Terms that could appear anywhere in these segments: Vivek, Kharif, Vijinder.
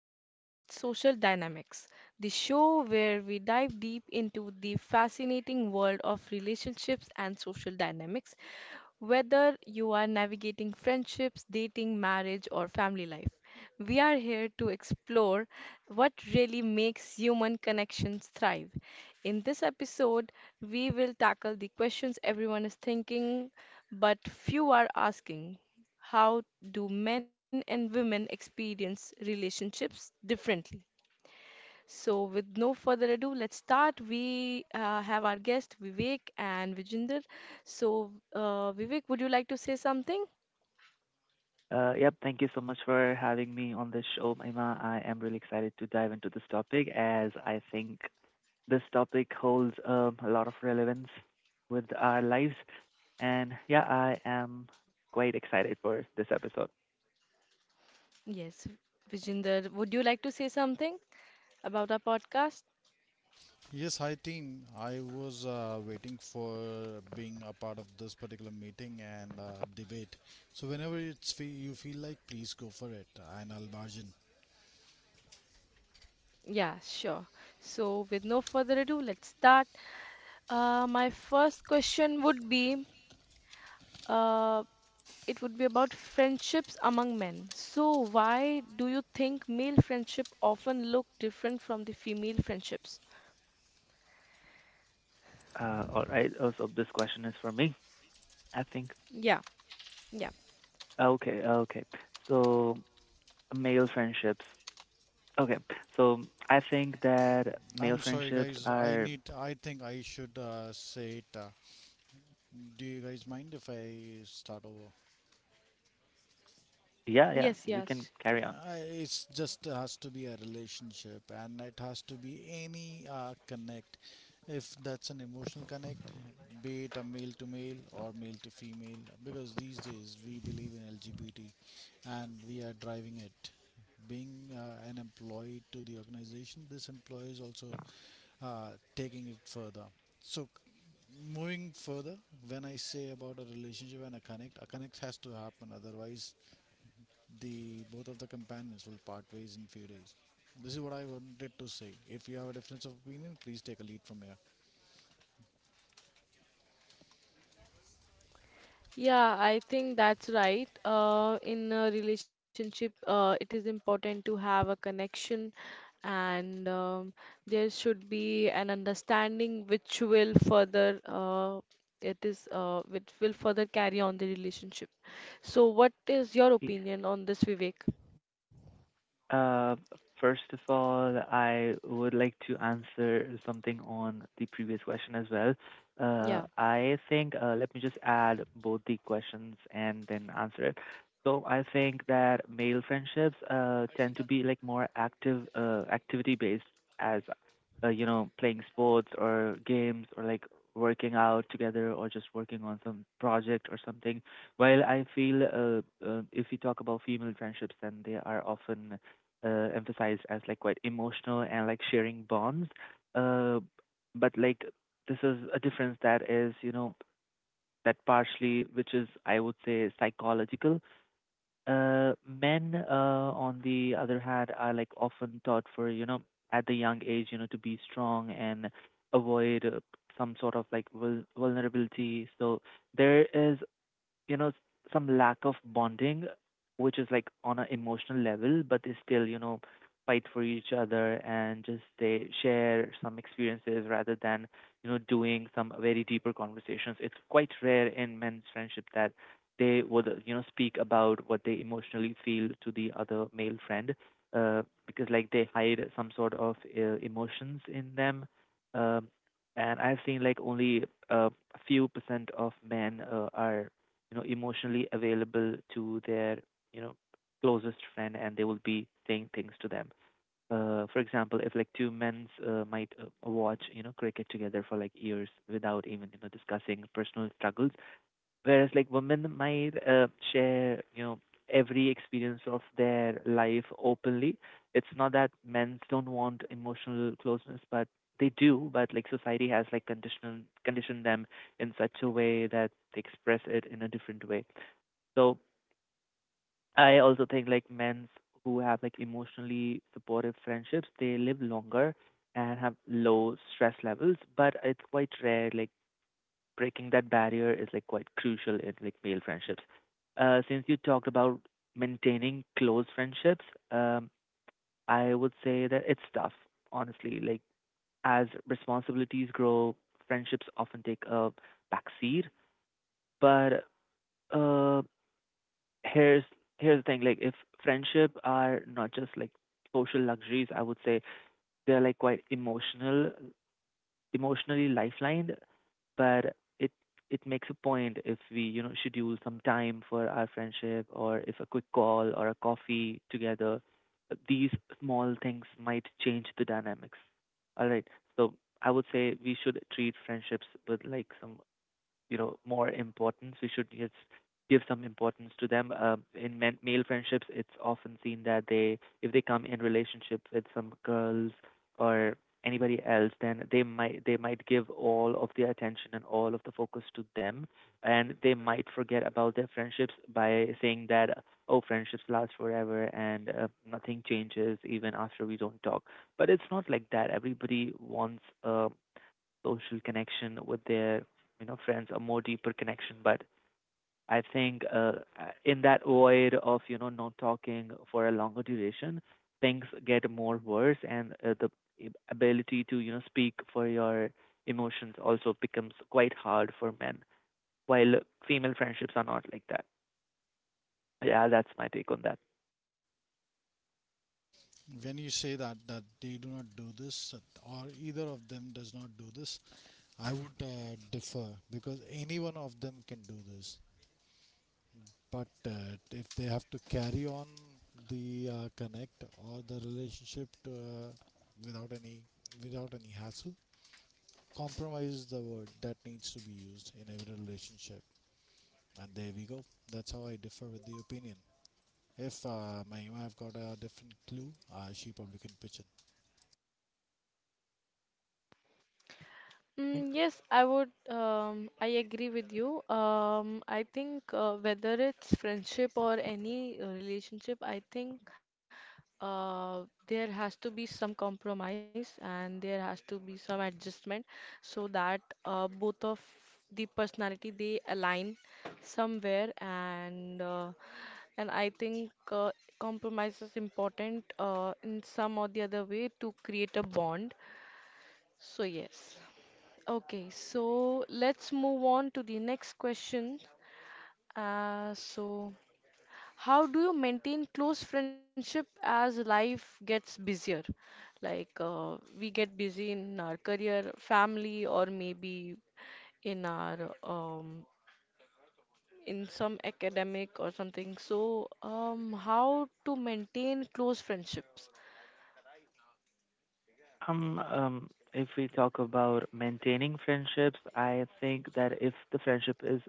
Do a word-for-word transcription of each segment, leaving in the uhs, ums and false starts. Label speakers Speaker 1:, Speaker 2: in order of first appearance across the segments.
Speaker 1: and Social Dynamics, the show where we dive deep into the fascinating world of relationships and social dynamics whether you are navigating friendships, dating, marriage, or family life, we are here to explore what really makes human connections thrive. In this episode, we will tackle the questions everyone is thinking but few are asking. How do men and women experience relationships differently? So, with no further ado, let's start. We uh, have our guest Vivek and Vijinder. So, uh, Vivek, would you like to say something?
Speaker 2: Uh, yep, Thank you so much for having me on this show, Ima. I am really excited to dive into this topic as I think this topic holds um, a lot of relevance with our lives. And yeah, I am quite excited for this episode.
Speaker 1: Yes, Vijinder, would you like to say something about our podcast? Yeah, sure. So, with no further ado, let's start. Uh, my first question would be uh, it would be about friendships among men. So, why do you think male friendship often look different from the female friendships?
Speaker 2: Uh, all right, also, this question is for me, I think.
Speaker 1: Yeah, yeah.
Speaker 2: Okay, okay. So, male friendships. Okay, so I think that male friendships are, yeah, yeah,
Speaker 1: Yes,
Speaker 2: you can
Speaker 1: yes.
Speaker 2: carry on.
Speaker 1: Yeah, I think that's right. Uh, in a relationship, uh, it is important to have a connection, and um, there should be an understanding which will further uh, it is uh, which will further carry on the relationship. So, what is your opinion on this, Vivek?
Speaker 2: Uh, First of all, I would like to answer something on the previous question as well. Uh,
Speaker 1: Yeah.
Speaker 2: I think, uh, let me just add both the questions and then answer it. So I think that male friendships uh, tend to be like more active, uh, activity based, as uh, you know, playing sports or games or like working out together or just working on some project or something. While I feel uh, uh, if we talk about female friendships, then they are often uh, emphasized as like quite emotional and like sharing bonds. Uh, but like this is a difference that is, you know, that partially, which is I would say psychological. Uh, men, uh, on the other hand, are like often taught for, you know, at the young age, you know, to be strong and avoid uh, some sort of like vul- vulnerability. So there is, you know, some lack of bonding which is like on an emotional level, but they still, you know, fight for each other and just they share some experiences rather than, you know, doing some very deeper conversations. It's quite rare in men's friendship that they would, uh, you know, speak about what they emotionally feel to the other male friend, uh, because like they hide some sort of uh, emotions in them. um, and I've seen like only uh, a few percent of men uh, are, you know, emotionally available to their, you know, closest friend, and they will be saying things to them. Uh, for example, if like two men uh, might uh, watch, you know, cricket together for like years without even, you know, discussing personal struggles, whereas like women might uh, share, you know, every experience of their life openly. It's not that men don't want emotional closeness, but they do. But like society has like conditioned conditioned them in such a way that they express it in a different way. So I also think like men who have like emotionally supportive friendships, they live longer and have low stress levels, but it's quite rare. Like breaking that barrier is like quite crucial in like male friendships. Uh, since you talked about maintaining close friendships, um, I would say that it's tough, honestly. Like as responsibilities grow, friendships often take a backseat, but uh, here's here's the thing. Like if friendship are not just like social luxuries, I would say they're like quite emotional emotionally lifelined. But it it makes a point if we, you know, schedule some time for our friendship, or if a quick call or a coffee together, these small things might change the dynamics. All right, so I would say we should treat friendships with like some, you know, more importance. We should just give some importance to them. Um, in men- male friendships, it's often seen that they, if they come in relationship with some girls or anybody else, then they might they might give all of their attention and all of the focus to them, and they might forget about their friendships by saying that, oh, friendships last forever and uh, nothing changes even after we don't talk. But it's not like that. Everybody wants a social connection with their, you know, friends, a more deeper connection. But I think uh, in that void of, you know, not talking for a longer duration, things get more worse, and uh, the ab- ability to, you know, speak for your emotions also becomes quite hard for men, while female friendships are not like that. Yeah, that's my take on that.
Speaker 1: Mm, yes, I would. Um, I agree with you. Um, I think uh, whether it's friendship or any uh, relationship, I think uh, there has to be some compromise and there has to be some adjustment so that uh, both of the personality they align somewhere and uh, and I think uh, compromise is important uh, in some or the other way to create a bond. So yes. Okay, so let's move on to the next question. Uh, so how do you maintain close friendship as life gets busier? Like uh, we get busy in our career, family, or maybe in our um, in some academic or something. So, um, how to maintain close friendships?
Speaker 2: Um, um, if we talk about maintaining friendships, I think that if the friendship is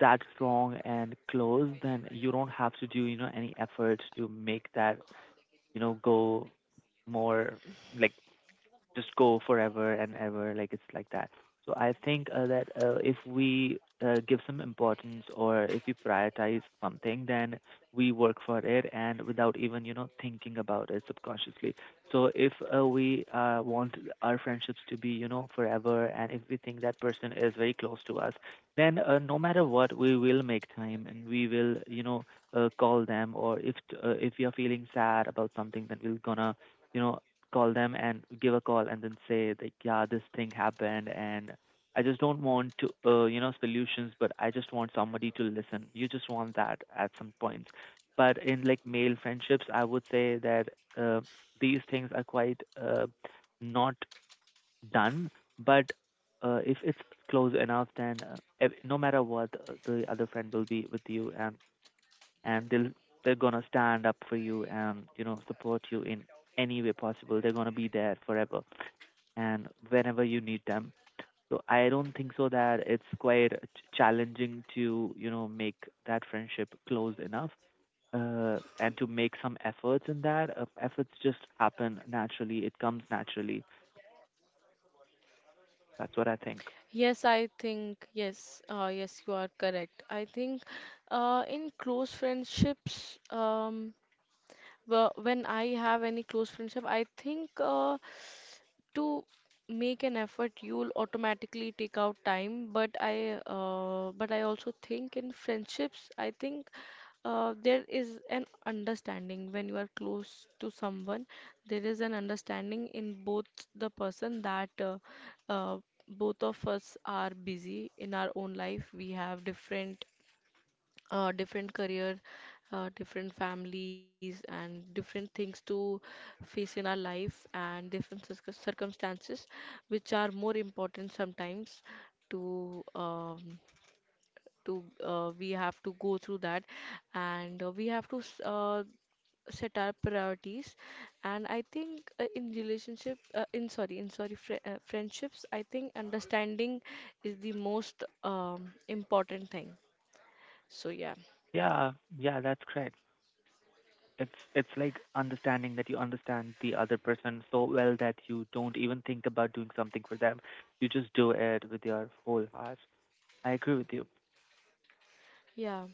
Speaker 2: that strong and close, then you don't have to do, you know, any effort to make that, you know, go more like just go forever and ever. Like it's like that. So I think uh, that uh, if we uh, give some importance or if we prioritize something, then we work for it and without even, you know, thinking about it subconsciously. So if uh, we uh, want our friendships to be, you know, forever, and if we think that person is very close to us, then uh, no matter what, we will make time, and we will, you know, uh, call them, or if uh, if we are feeling sad about something, then we're gonna, you know, call them and give a call and then say like, yeah, this thing happened, and I just don't want to, uh, you know, solutions, but I just want somebody to listen. You just want that at some points. But in like male friendships, I would say that uh, these things are quite uh, not done. But uh, if it's close enough, then uh, ev- no matter what, uh, the other friend will be with you, and and they'll they're gonna stand up for you and, you know, support you in any way possible. They're gonna be there forever and whenever you need them. So I don't think so that it's quite ch- challenging to, you know, make that friendship close enough, uh, and to make some efforts in that. Uh, efforts just happen naturally. It comes naturally. That's what I think.
Speaker 1: Yes, I think yes, uh, yes, you are correct. I think uh, in close friendships, um, wh- when I have any close friendship, I think uh, to make an effort you'll automatically take out time but i uh, but I also think in friendships I think uh, there is an understanding when you are close to someone there is an understanding in both the person that uh, uh, both of us are busy in our own life. We have different uh, different career, uh, different families, and different things to face in our life, and different circum- circumstances, which are more important sometimes to um, to uh, we have to go through that, and uh, we have to s- uh, set our priorities. And I think uh, in relationship uh, in sorry in sorry fri uh, friendships I think understanding is the most um, important thing. So yeah,
Speaker 2: Yeah, yeah, that's correct. It's it's like understanding that you understand the other person so well that you don't even think about doing something for them. You just do it with your whole heart. I agree with you.
Speaker 1: yeah.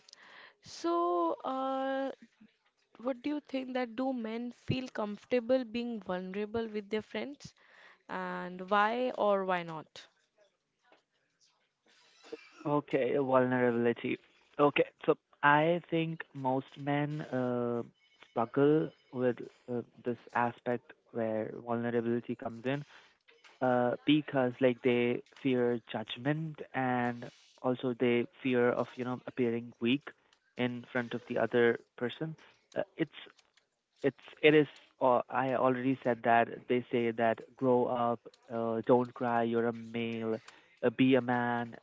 Speaker 1: So, uh, what do you think that do men feel comfortable being vulnerable with their friends, and why or why not?
Speaker 2: Okay, vulnerability. Okay, so I think most men uh, struggle with uh, this aspect where vulnerability comes in, uh, because like they fear judgment and also they fear of, you know, appearing weak in front of the other person. Uh, it's it's it is uh, I already said that they say that grow up, uh, don't cry, you're a male, uh, be a man.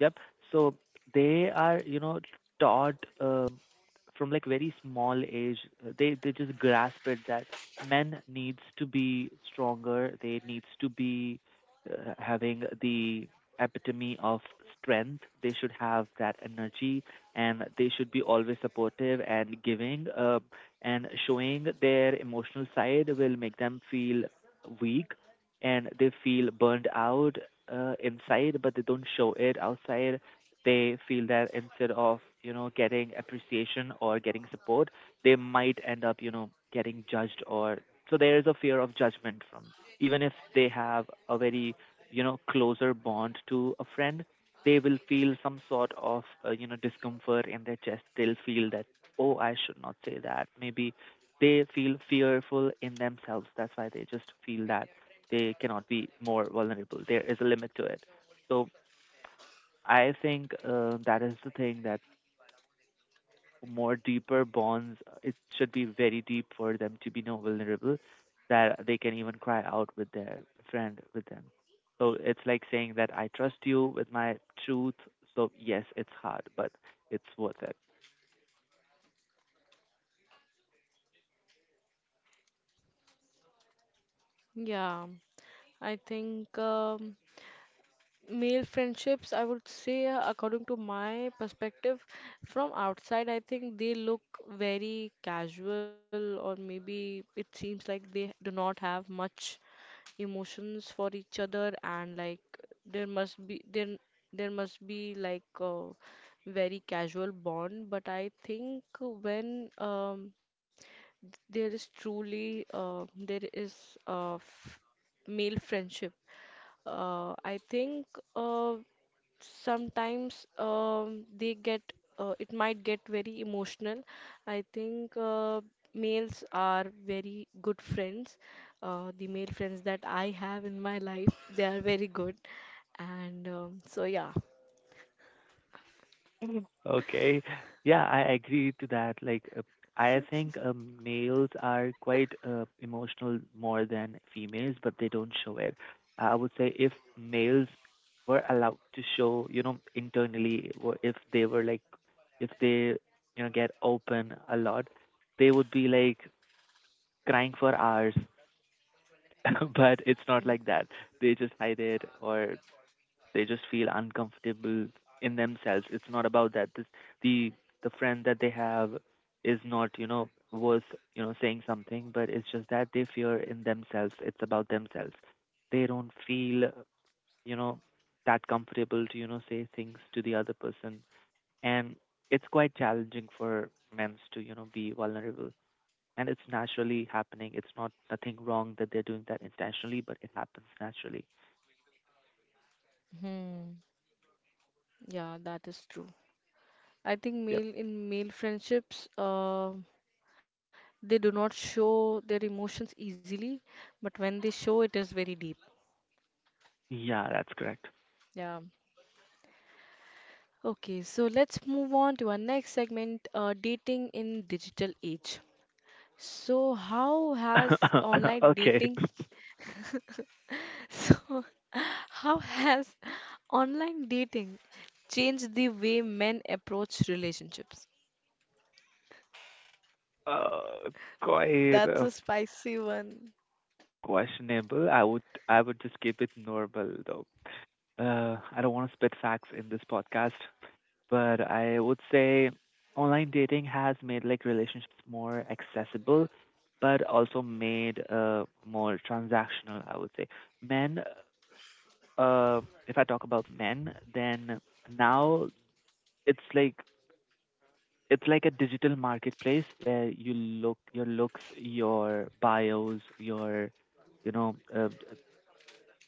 Speaker 2: Yep. So they are, you know, taught um, from like very small age. uh, They they just grasp it that men needs to be stronger. They needs to be uh, having the epitome of strength. They should have that energy, and they should be always supportive and giving. Uh, and showing their emotional side will make them feel weak, and they feel burned out uh, inside, but they don't show it outside. They feel that instead of, you know, getting appreciation or getting support, they might end up, you know, getting judged. Or so there is a fear of judgment from, even if they have a very, you know, closer bond to a friend, they will feel some sort of uh, you know, discomfort in their chest. They'll feel that, oh, I should not say that, maybe. They feel fearful in themselves. That's why they just feel that they cannot be more vulnerable. There is a limit to it. So I think uh, that is the thing, that more deeper bonds, uh, it should be very deep for them to be no vulnerable, that they can even cry out with their friend with them. So it's like saying that I trust you with my truth. So yes, it's hard, but it's worth it.
Speaker 1: Yeah, I think. Um, Male friendships, I would say, uh, according to my perspective, from outside, I think they look very casual, or maybe it seems like they do not have much emotions for each other, and like there must be there there must be like a very casual bond. But I think when um, there is truly uh, there is a f male friendship uh, I think uh, sometimes um, they get uh, it might get very emotional. I think uh, males are very good friends. Uh, the male friends that I have in my life, they are very good. And um, so yeah,
Speaker 2: Okay. Yeah, I agree to that. Like, uh, I think um, males are quite uh, emotional more than females, but they don't show it. I would say if males were allowed to show, you know, internally, or if they were like, if they, you know, get open a lot, they would be like crying for hours. But it's not like that. They just hide it, or they just feel uncomfortable in themselves. It's not about that. This, the the friend that they have is not, you know, worth, you know, saying something. But it's just that they fear in themselves. It's about themselves. They don't feel, you know, that comfortable to, you know, say things to the other person, and it's quite challenging for men to, you know, be vulnerable. And it's naturally happening. It's not nothing wrong that they're doing that intentionally, but it happens naturally.
Speaker 1: hmm, yeah, that is true. I
Speaker 2: Yep.
Speaker 1: think male in male friendships, uh, they do not show their emotions easily, but when they show, it is very deep.
Speaker 2: Yeah, that's correct.
Speaker 1: Yeah. Okay, so let's move on to our next segment, uh, dating in digital age. So how has online
Speaker 2: Okay.
Speaker 1: dating, so how has online dating changed the way men approach relationships?
Speaker 2: Uh, Quite
Speaker 1: That's
Speaker 2: uh,
Speaker 1: a spicy one.
Speaker 2: questionable. I would I would just keep it normal though. Uh, I don't want to spit facts in this podcast, but I would say online dating has made like relationships more accessible, but also made uh more transactional, I would say. Men, uh, if I talk about men, then now it's like it's like a digital marketplace where you look your looks your bios your you know uh,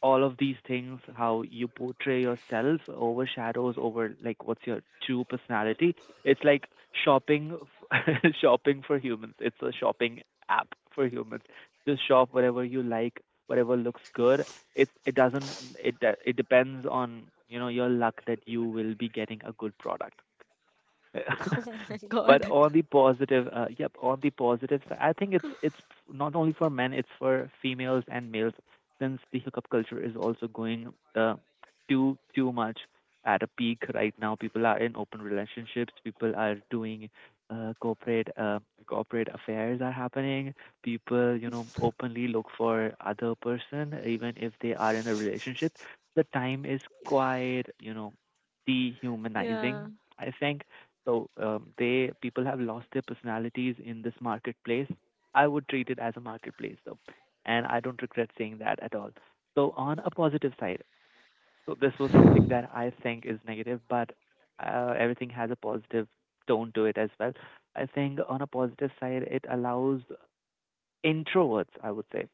Speaker 2: all of these things how you portray yourself overshadows over like what's your true personality. It's like shopping f- shopping for humans. It's a shopping app for humans. Just shop whatever you like, whatever looks good. It it doesn't, it de- it depends on, you know your luck that you will be getting a good product.
Speaker 1: Oh my
Speaker 2: But
Speaker 1: God.
Speaker 2: on the positive uh, yep, on the positive side, I think it's it's not only for men, it's for females and males, since the hookup culture is also going uh, too too much at a peak right now. People are in open relationships, people are doing uh, corporate uh, corporate affairs are happening, people, you know, openly look for other person even if they are in a relationship. The time is quite, you know, dehumanizing,
Speaker 1: Yeah,
Speaker 2: I think. So um, they, people have lost their personalities in this marketplace. I would treat it as a marketplace though, and I don't regret saying that at all. So on a positive side, so this was something that I think is negative, but uh, everything has a positive tone to it as well. I think on a positive side, it allows introverts, I would say,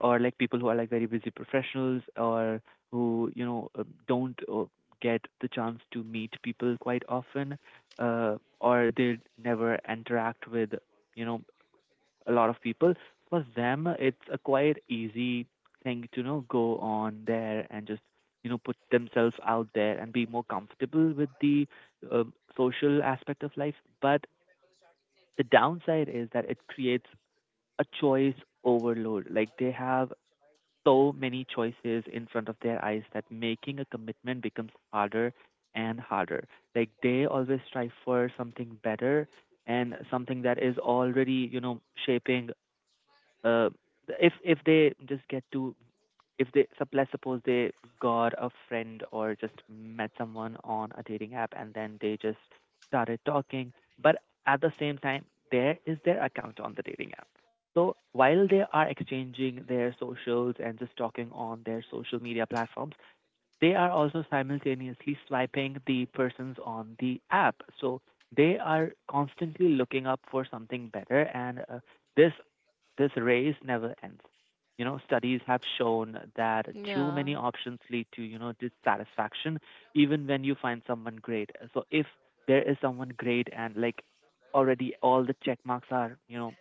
Speaker 2: or like people who are like very busy professionals, or who, you know uh, don't uh, get the chance to meet people quite often, uh, or they never interact with, you know, a lot of people. For them it's a quite easy thing to, you know, go on there and just, you know, put themselves out there and be more comfortable with the um, social aspect of life. But the downside is that it creates a choice overload. Like they have so many choices in front of their eyes that making a commitment becomes harder and harder. Like they always strive for something better, and something that is already, you know, shaping. uh if if they just get to, if they sup- let's suppose they got a friend or just met someone on a dating app and then they just started talking, but at the same time there is their account on the dating app. So while they are exchanging their socials and just talking on their social media platforms, they are also simultaneously swiping the persons on the app. So they are constantly looking up for something better, and uh, this, this race never ends. You know, studies have shown that too many
Speaker 1: yeah,
Speaker 2: options lead to, you know, dissatisfaction, even when you find someone great. So if there is someone great and like already all the check marks are, you know,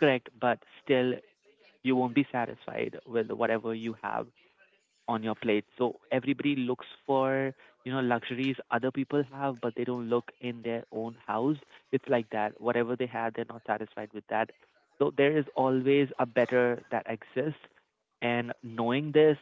Speaker 2: correct, but still you won't be satisfied with whatever you have on your plate. So everybody looks for, you know, luxuries other people have, but they don't look in their own house. It's like that. Whatever they have, they're not satisfied with that. So there is always a better that exists. And knowing this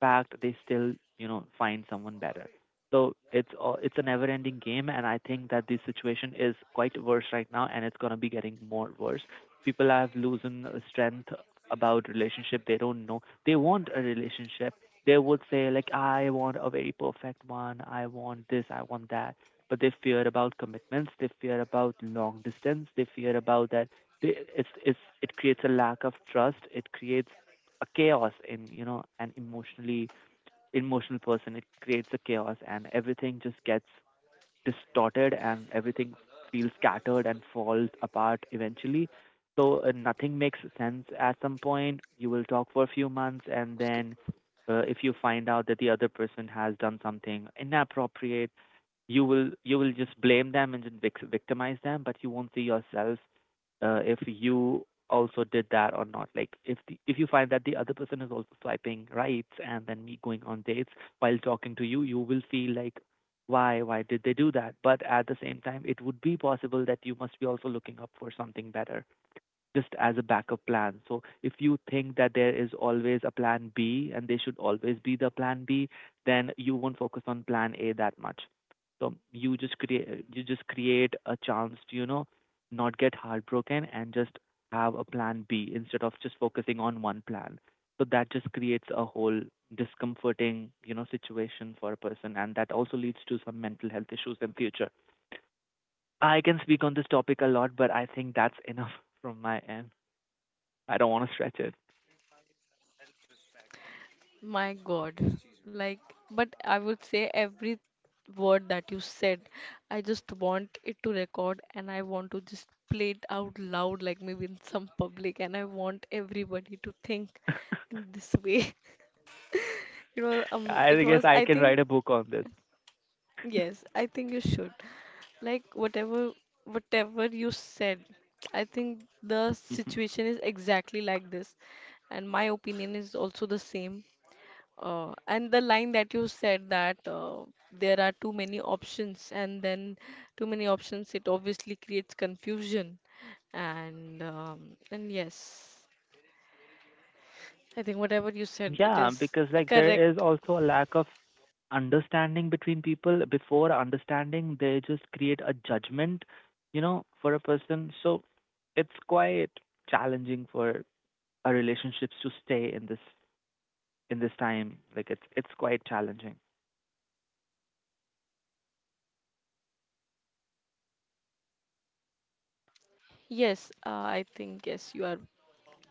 Speaker 2: fact, they still, you know, find someone better. So it's all, it's a never-ending game, and I think that this situation is quite worse right now, and it's gonna be getting more worse. People have losing uh, strength about relationship. They don't know, they want a relationship, they would say like I want a very perfect one, I want this, I want that, but they fear about commitments, they fear about long distance, they fear about that. they, it's it's it creates a lack of trust, it creates a chaos in, you know, an emotionally emotional person. It creates a chaos and everything just gets distorted and everything feels scattered and falls apart eventually. So uh, nothing makes sense at some point. You will talk for a few months and then uh, if you find out that the other person has done something inappropriate, you will you will just blame them and then vic- victimize them, but you won't see yourself, uh, if you also did that or not. Like if the, if you find that the other person is also swiping right and then me going on dates while talking to you, you will feel like, why why did they do that? But at the same time it would be possible that you must be also looking up for something better just as a backup plan. So if you think that there is always a plan B, and there should always be the plan B, then you won't focus on plan A that much. So you just create you just create a chance to, you know, not get heartbroken and just have a plan B instead of just focusing on one plan. So that just creates a whole discomforting, you know, situation for a person, and that also leads to some mental health issues in future. I can speak on this topic a lot, but I think that's enough from my end. I don't want to stretch it.
Speaker 1: my God. Like, but I would say every word that you said. I just want it to record and I want to just play it out loud, like maybe in some public, and I want everybody to think in this way. It was, um, it
Speaker 2: I guess
Speaker 1: was,
Speaker 2: I
Speaker 1: I
Speaker 2: can
Speaker 1: think,
Speaker 2: write a book on this.
Speaker 1: yes, I think you should. Like, whatever, whatever you said, I think the
Speaker 2: Mhm.
Speaker 1: situation is exactly like this, and my opinion is also the same. Uh, and the line that you said that uh, there are too many options, and then too many options, it obviously creates confusion. And um, and yes, I think whatever you said, it
Speaker 2: Yeah,
Speaker 1: is
Speaker 2: because like there is
Speaker 1: correct.
Speaker 2: also a lack of understanding between people. Before understanding, they just create a judgment, you know, for a person. So it's quite challenging for our relationships to stay in this, in this time. Like it's it's quite challenging.
Speaker 1: Yes, uh, I think yes, you are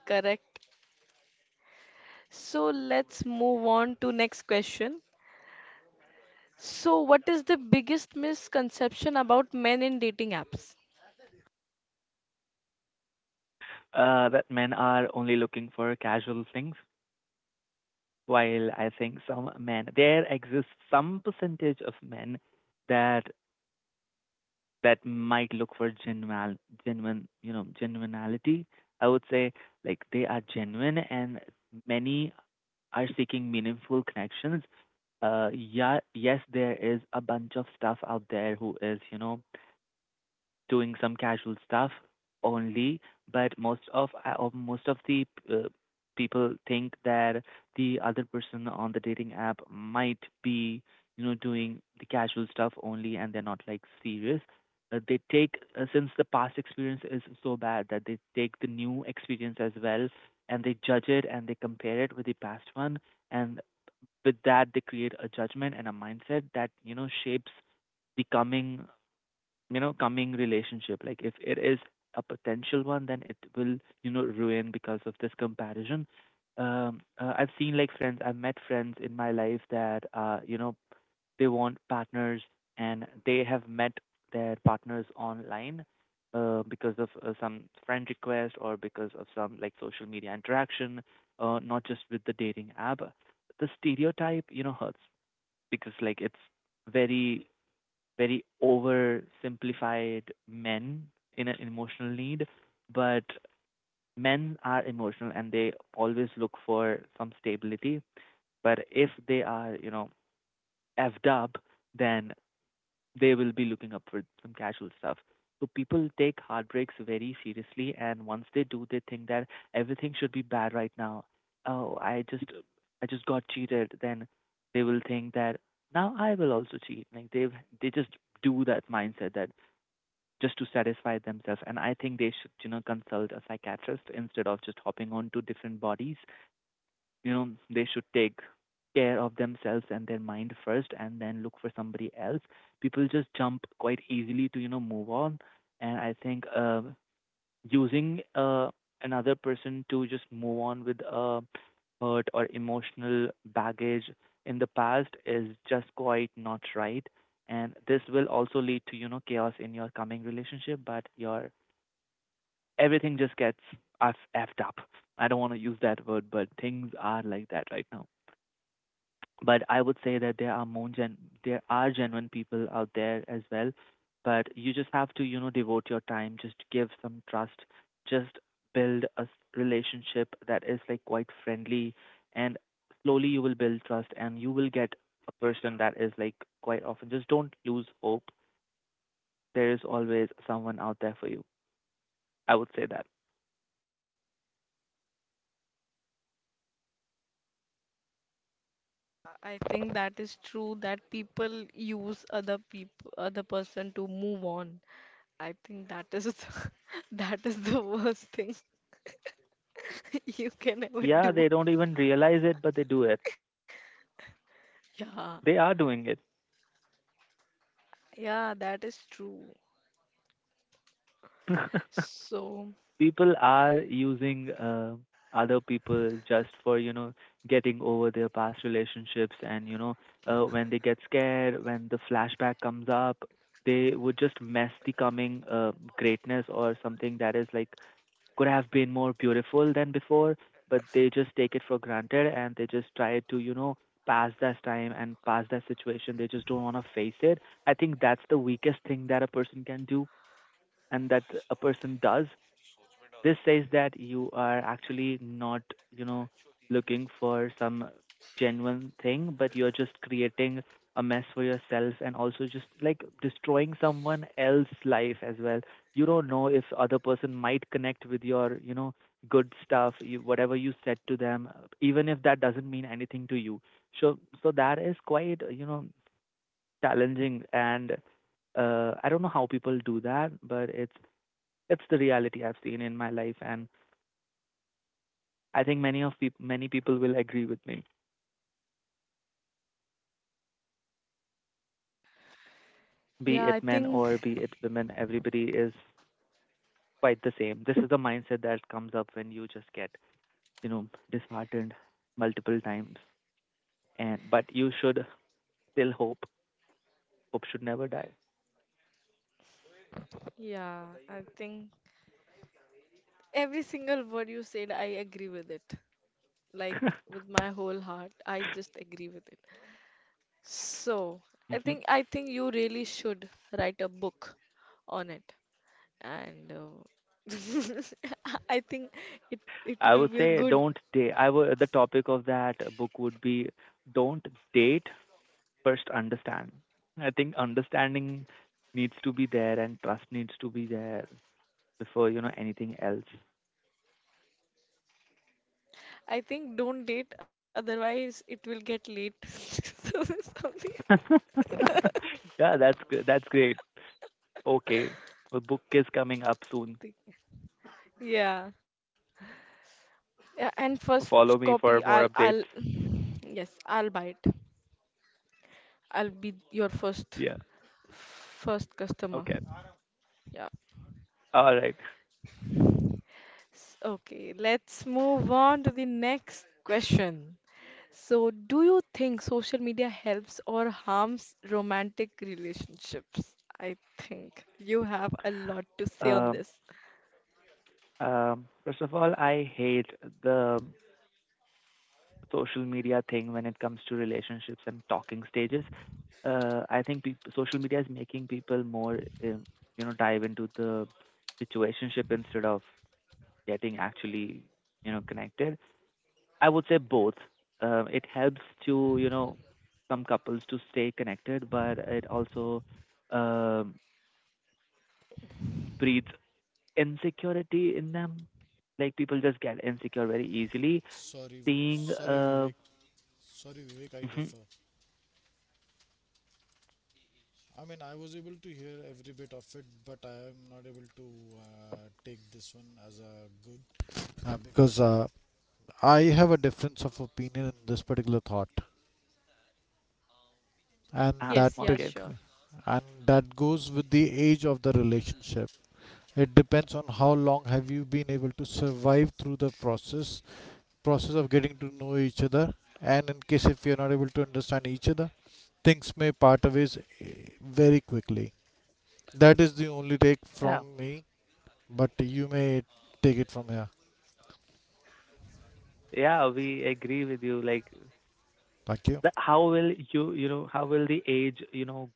Speaker 1: correct. So let's move on to next question. So what is the biggest misconception about men in dating apps?
Speaker 2: Uh, that men are only looking for casual things, while I think some men, there exists some percentage of men that that might look for genuine, genuine, you know, genuinity. I would say like they are genuine, and many are seeking meaningful connections. Uh, yeah, yes, there is a bunch of stuff out there who is, you know, doing some casual stuff only, but most of I- of- most of the uh, people think that the other person on the dating app might be, you know, doing the casual stuff only, and they're not like serious. Uh, they take uh, since the past experience is so bad, that they take the new experience as well, and they judge it and they compare it with the past one, and with that they create a judgment and a mindset that, you know, shapes the coming, you know coming relationship. Like if it is a potential one, then it will, you know, ruin because of this comparison. um uh, I've seen like friends, I've met friends in my life that, uh you know, they want partners and they have met their partners online uh because of uh, some friend request or because of some like social media interaction, uh not just with the dating app. The stereotype, you know, hurts, because like it's very very oversimplified. Men in an emotional need, but men are emotional and they always look for some stability. But if they are, you know, effed up, then they will be looking up for some casual stuff. So people take heartbreaks very seriously, and once they do, they think that everything should be bad right now. Oh, I just, I just got cheated. Then they will think that now I will also cheat. Like they, they just do that mindset that just to satisfy themselves. And I think they should, you know, consult a psychiatrist instead of just hopping on to different bodies. You know, they should take care of themselves and their mind first and then look for somebody else. People just jump quite easily to, you know, move on. And I think uh, using uh, another person to just move on with a hurt or emotional baggage in the past is just quite not right, and this will also lead to, you know, chaos in your coming relationship. But your everything just gets f- effed up. I don't want to use that word, but things are like that right now. But I would say that there are more gen there are genuine people out there as well. But you just have to, you know, devote your time, just give some trust, just build a s- relationship that is like quite friendly, and slowly you will build trust and you will get a person that is like quite often. Just don't lose hope. There is always someone out there for you. I would say that.
Speaker 1: I think that is true that people use other people other person to move on. I think that is the- that is the worst thing you can ever
Speaker 2: Yeah,
Speaker 1: do.
Speaker 2: they don't even realize it, but they do it.
Speaker 1: Yeah.
Speaker 2: They are doing it.
Speaker 1: Yeah, that is true. So,
Speaker 2: People are using uh, other people just for, you know, getting over their past relationships. And you know, uh, when they get scared, when the flashback comes up, they would just mess the coming uh, greatness, or something that is like could have been more beautiful than before. But they just take it for granted and they just try to, you know, pass that time and pass that situation. They just don't want to face it. I think that's the weakest thing that a person can do, and that a person does. This says that you are actually not, you know, looking for some genuine thing, but you're just creating a mess for yourself and also just like destroying someone else's life as well. You don't know if other person might connect with your, you know, good stuff, you, whatever you said to them, even if that doesn't mean anything to you. So, so that is quite, you know, challenging. And uh, I don't know how people do that, but it's it's the reality I've seen in my life, and I think many of peop many people will agree with me. Be
Speaker 1: yeah, I
Speaker 2: it men
Speaker 1: think
Speaker 2: or be it women, everybody is quite the same. This is the mindset that comes up when you just get, you know, disheartened multiple times. And but you should still hope. Hope should never die.
Speaker 1: yeah, I think every single word you said, I agree with it. Like with my whole heart, I just agree with it. So, I
Speaker 2: Hmm.
Speaker 1: think I think you really should write a book on it. And uh, I think it it
Speaker 2: I
Speaker 1: will
Speaker 2: would
Speaker 1: be a
Speaker 2: say
Speaker 1: good.
Speaker 2: don't date. I would The topic of that book would be, don't date, first understand. I think understanding needs to be there and trust needs to be there before you know anything else.
Speaker 1: I think don't date, otherwise it will get late. So something.
Speaker 2: Yeah, that's good. That's great. Okay. The book is coming up soon.
Speaker 1: Think- Yeah. Yeah, and first
Speaker 2: Follow me
Speaker 1: copy,
Speaker 2: for
Speaker 1: I'll,
Speaker 2: more
Speaker 1: I'll,
Speaker 2: updates.
Speaker 1: yes, I'll buy it. I'll be your first,
Speaker 2: Yeah.
Speaker 1: first customer.
Speaker 2: Okay.
Speaker 1: Yeah.
Speaker 2: All right.
Speaker 1: S- Okay, let's move on to the next question. So, do you think social media helps or harms romantic relationships? I think you have a lot to say on
Speaker 2: Um,
Speaker 1: this.
Speaker 2: um, first of all, I hate the social media thing when it comes to relationships and talking stages. Uh, I think peop social media is making people more, um, you know, dive into the situationship instead of getting actually, you know, connected. I would say both. Uh, it helps to, you know, some couples to stay connected, but it also um, breeds insecurity in them. Like people just get insecure very easily. Seeing, uh, mhm,
Speaker 3: uh, Because uh, I have a difference of opinion in this particular thought, and
Speaker 2: ah,
Speaker 1: Yes,
Speaker 3: that
Speaker 1: yeah,
Speaker 3: uh,
Speaker 2: okay,
Speaker 1: sure.
Speaker 3: and that goes with the age of the relationship. It depends on how long have you been able to survive through the process process of getting to know each other, and in case if you're not able to understand each other, things may part ways eh, very quickly. That is the only take
Speaker 2: yeah,
Speaker 3: from me, but you may take it from here.
Speaker 2: yeah, we agree with you. Like,
Speaker 3: Thank you.
Speaker 2: the, how will you, you know, how will the age, you know,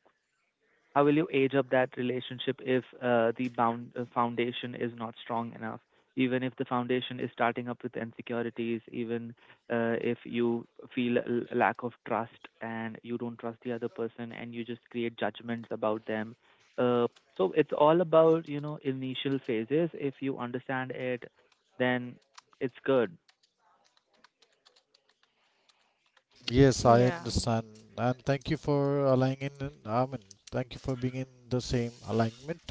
Speaker 2: how will you age up that relationship if uh, the bound uh, foundation is not strong enough, even if the foundation is starting up with insecurities. Even uh, if you feel a l- lack of trust and you don't trust the other person and you just create judgments about them, uh, so it's all about, you know, initial phases. If you understand it, then it's good.
Speaker 3: Yes, I
Speaker 1: Yeah.
Speaker 3: understand. And thank you for aligning in. I mean, thank you for being in the same alignment.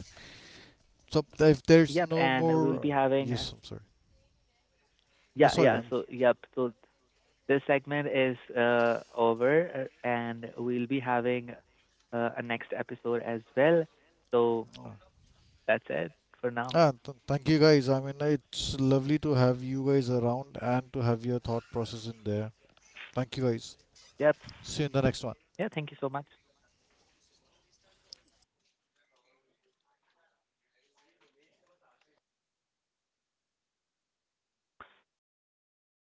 Speaker 3: So if there's
Speaker 2: Yep,
Speaker 3: no
Speaker 2: and we'll
Speaker 3: more,
Speaker 2: be having uh,
Speaker 3: yes, I'm sorry. Yeah,
Speaker 2: yeah
Speaker 3: sorry.
Speaker 2: yeah
Speaker 3: I'm,
Speaker 2: so yep so this segment is uh, over, uh, and we'll be having uh, a next episode as well. So that's it for now.
Speaker 3: ah, th- thank you guys. I mean, it's lovely to have you guys around and to have your thought process in there. Thank you guys.
Speaker 2: Yep.
Speaker 3: See you in the next one.
Speaker 2: Yeah, thank you so much.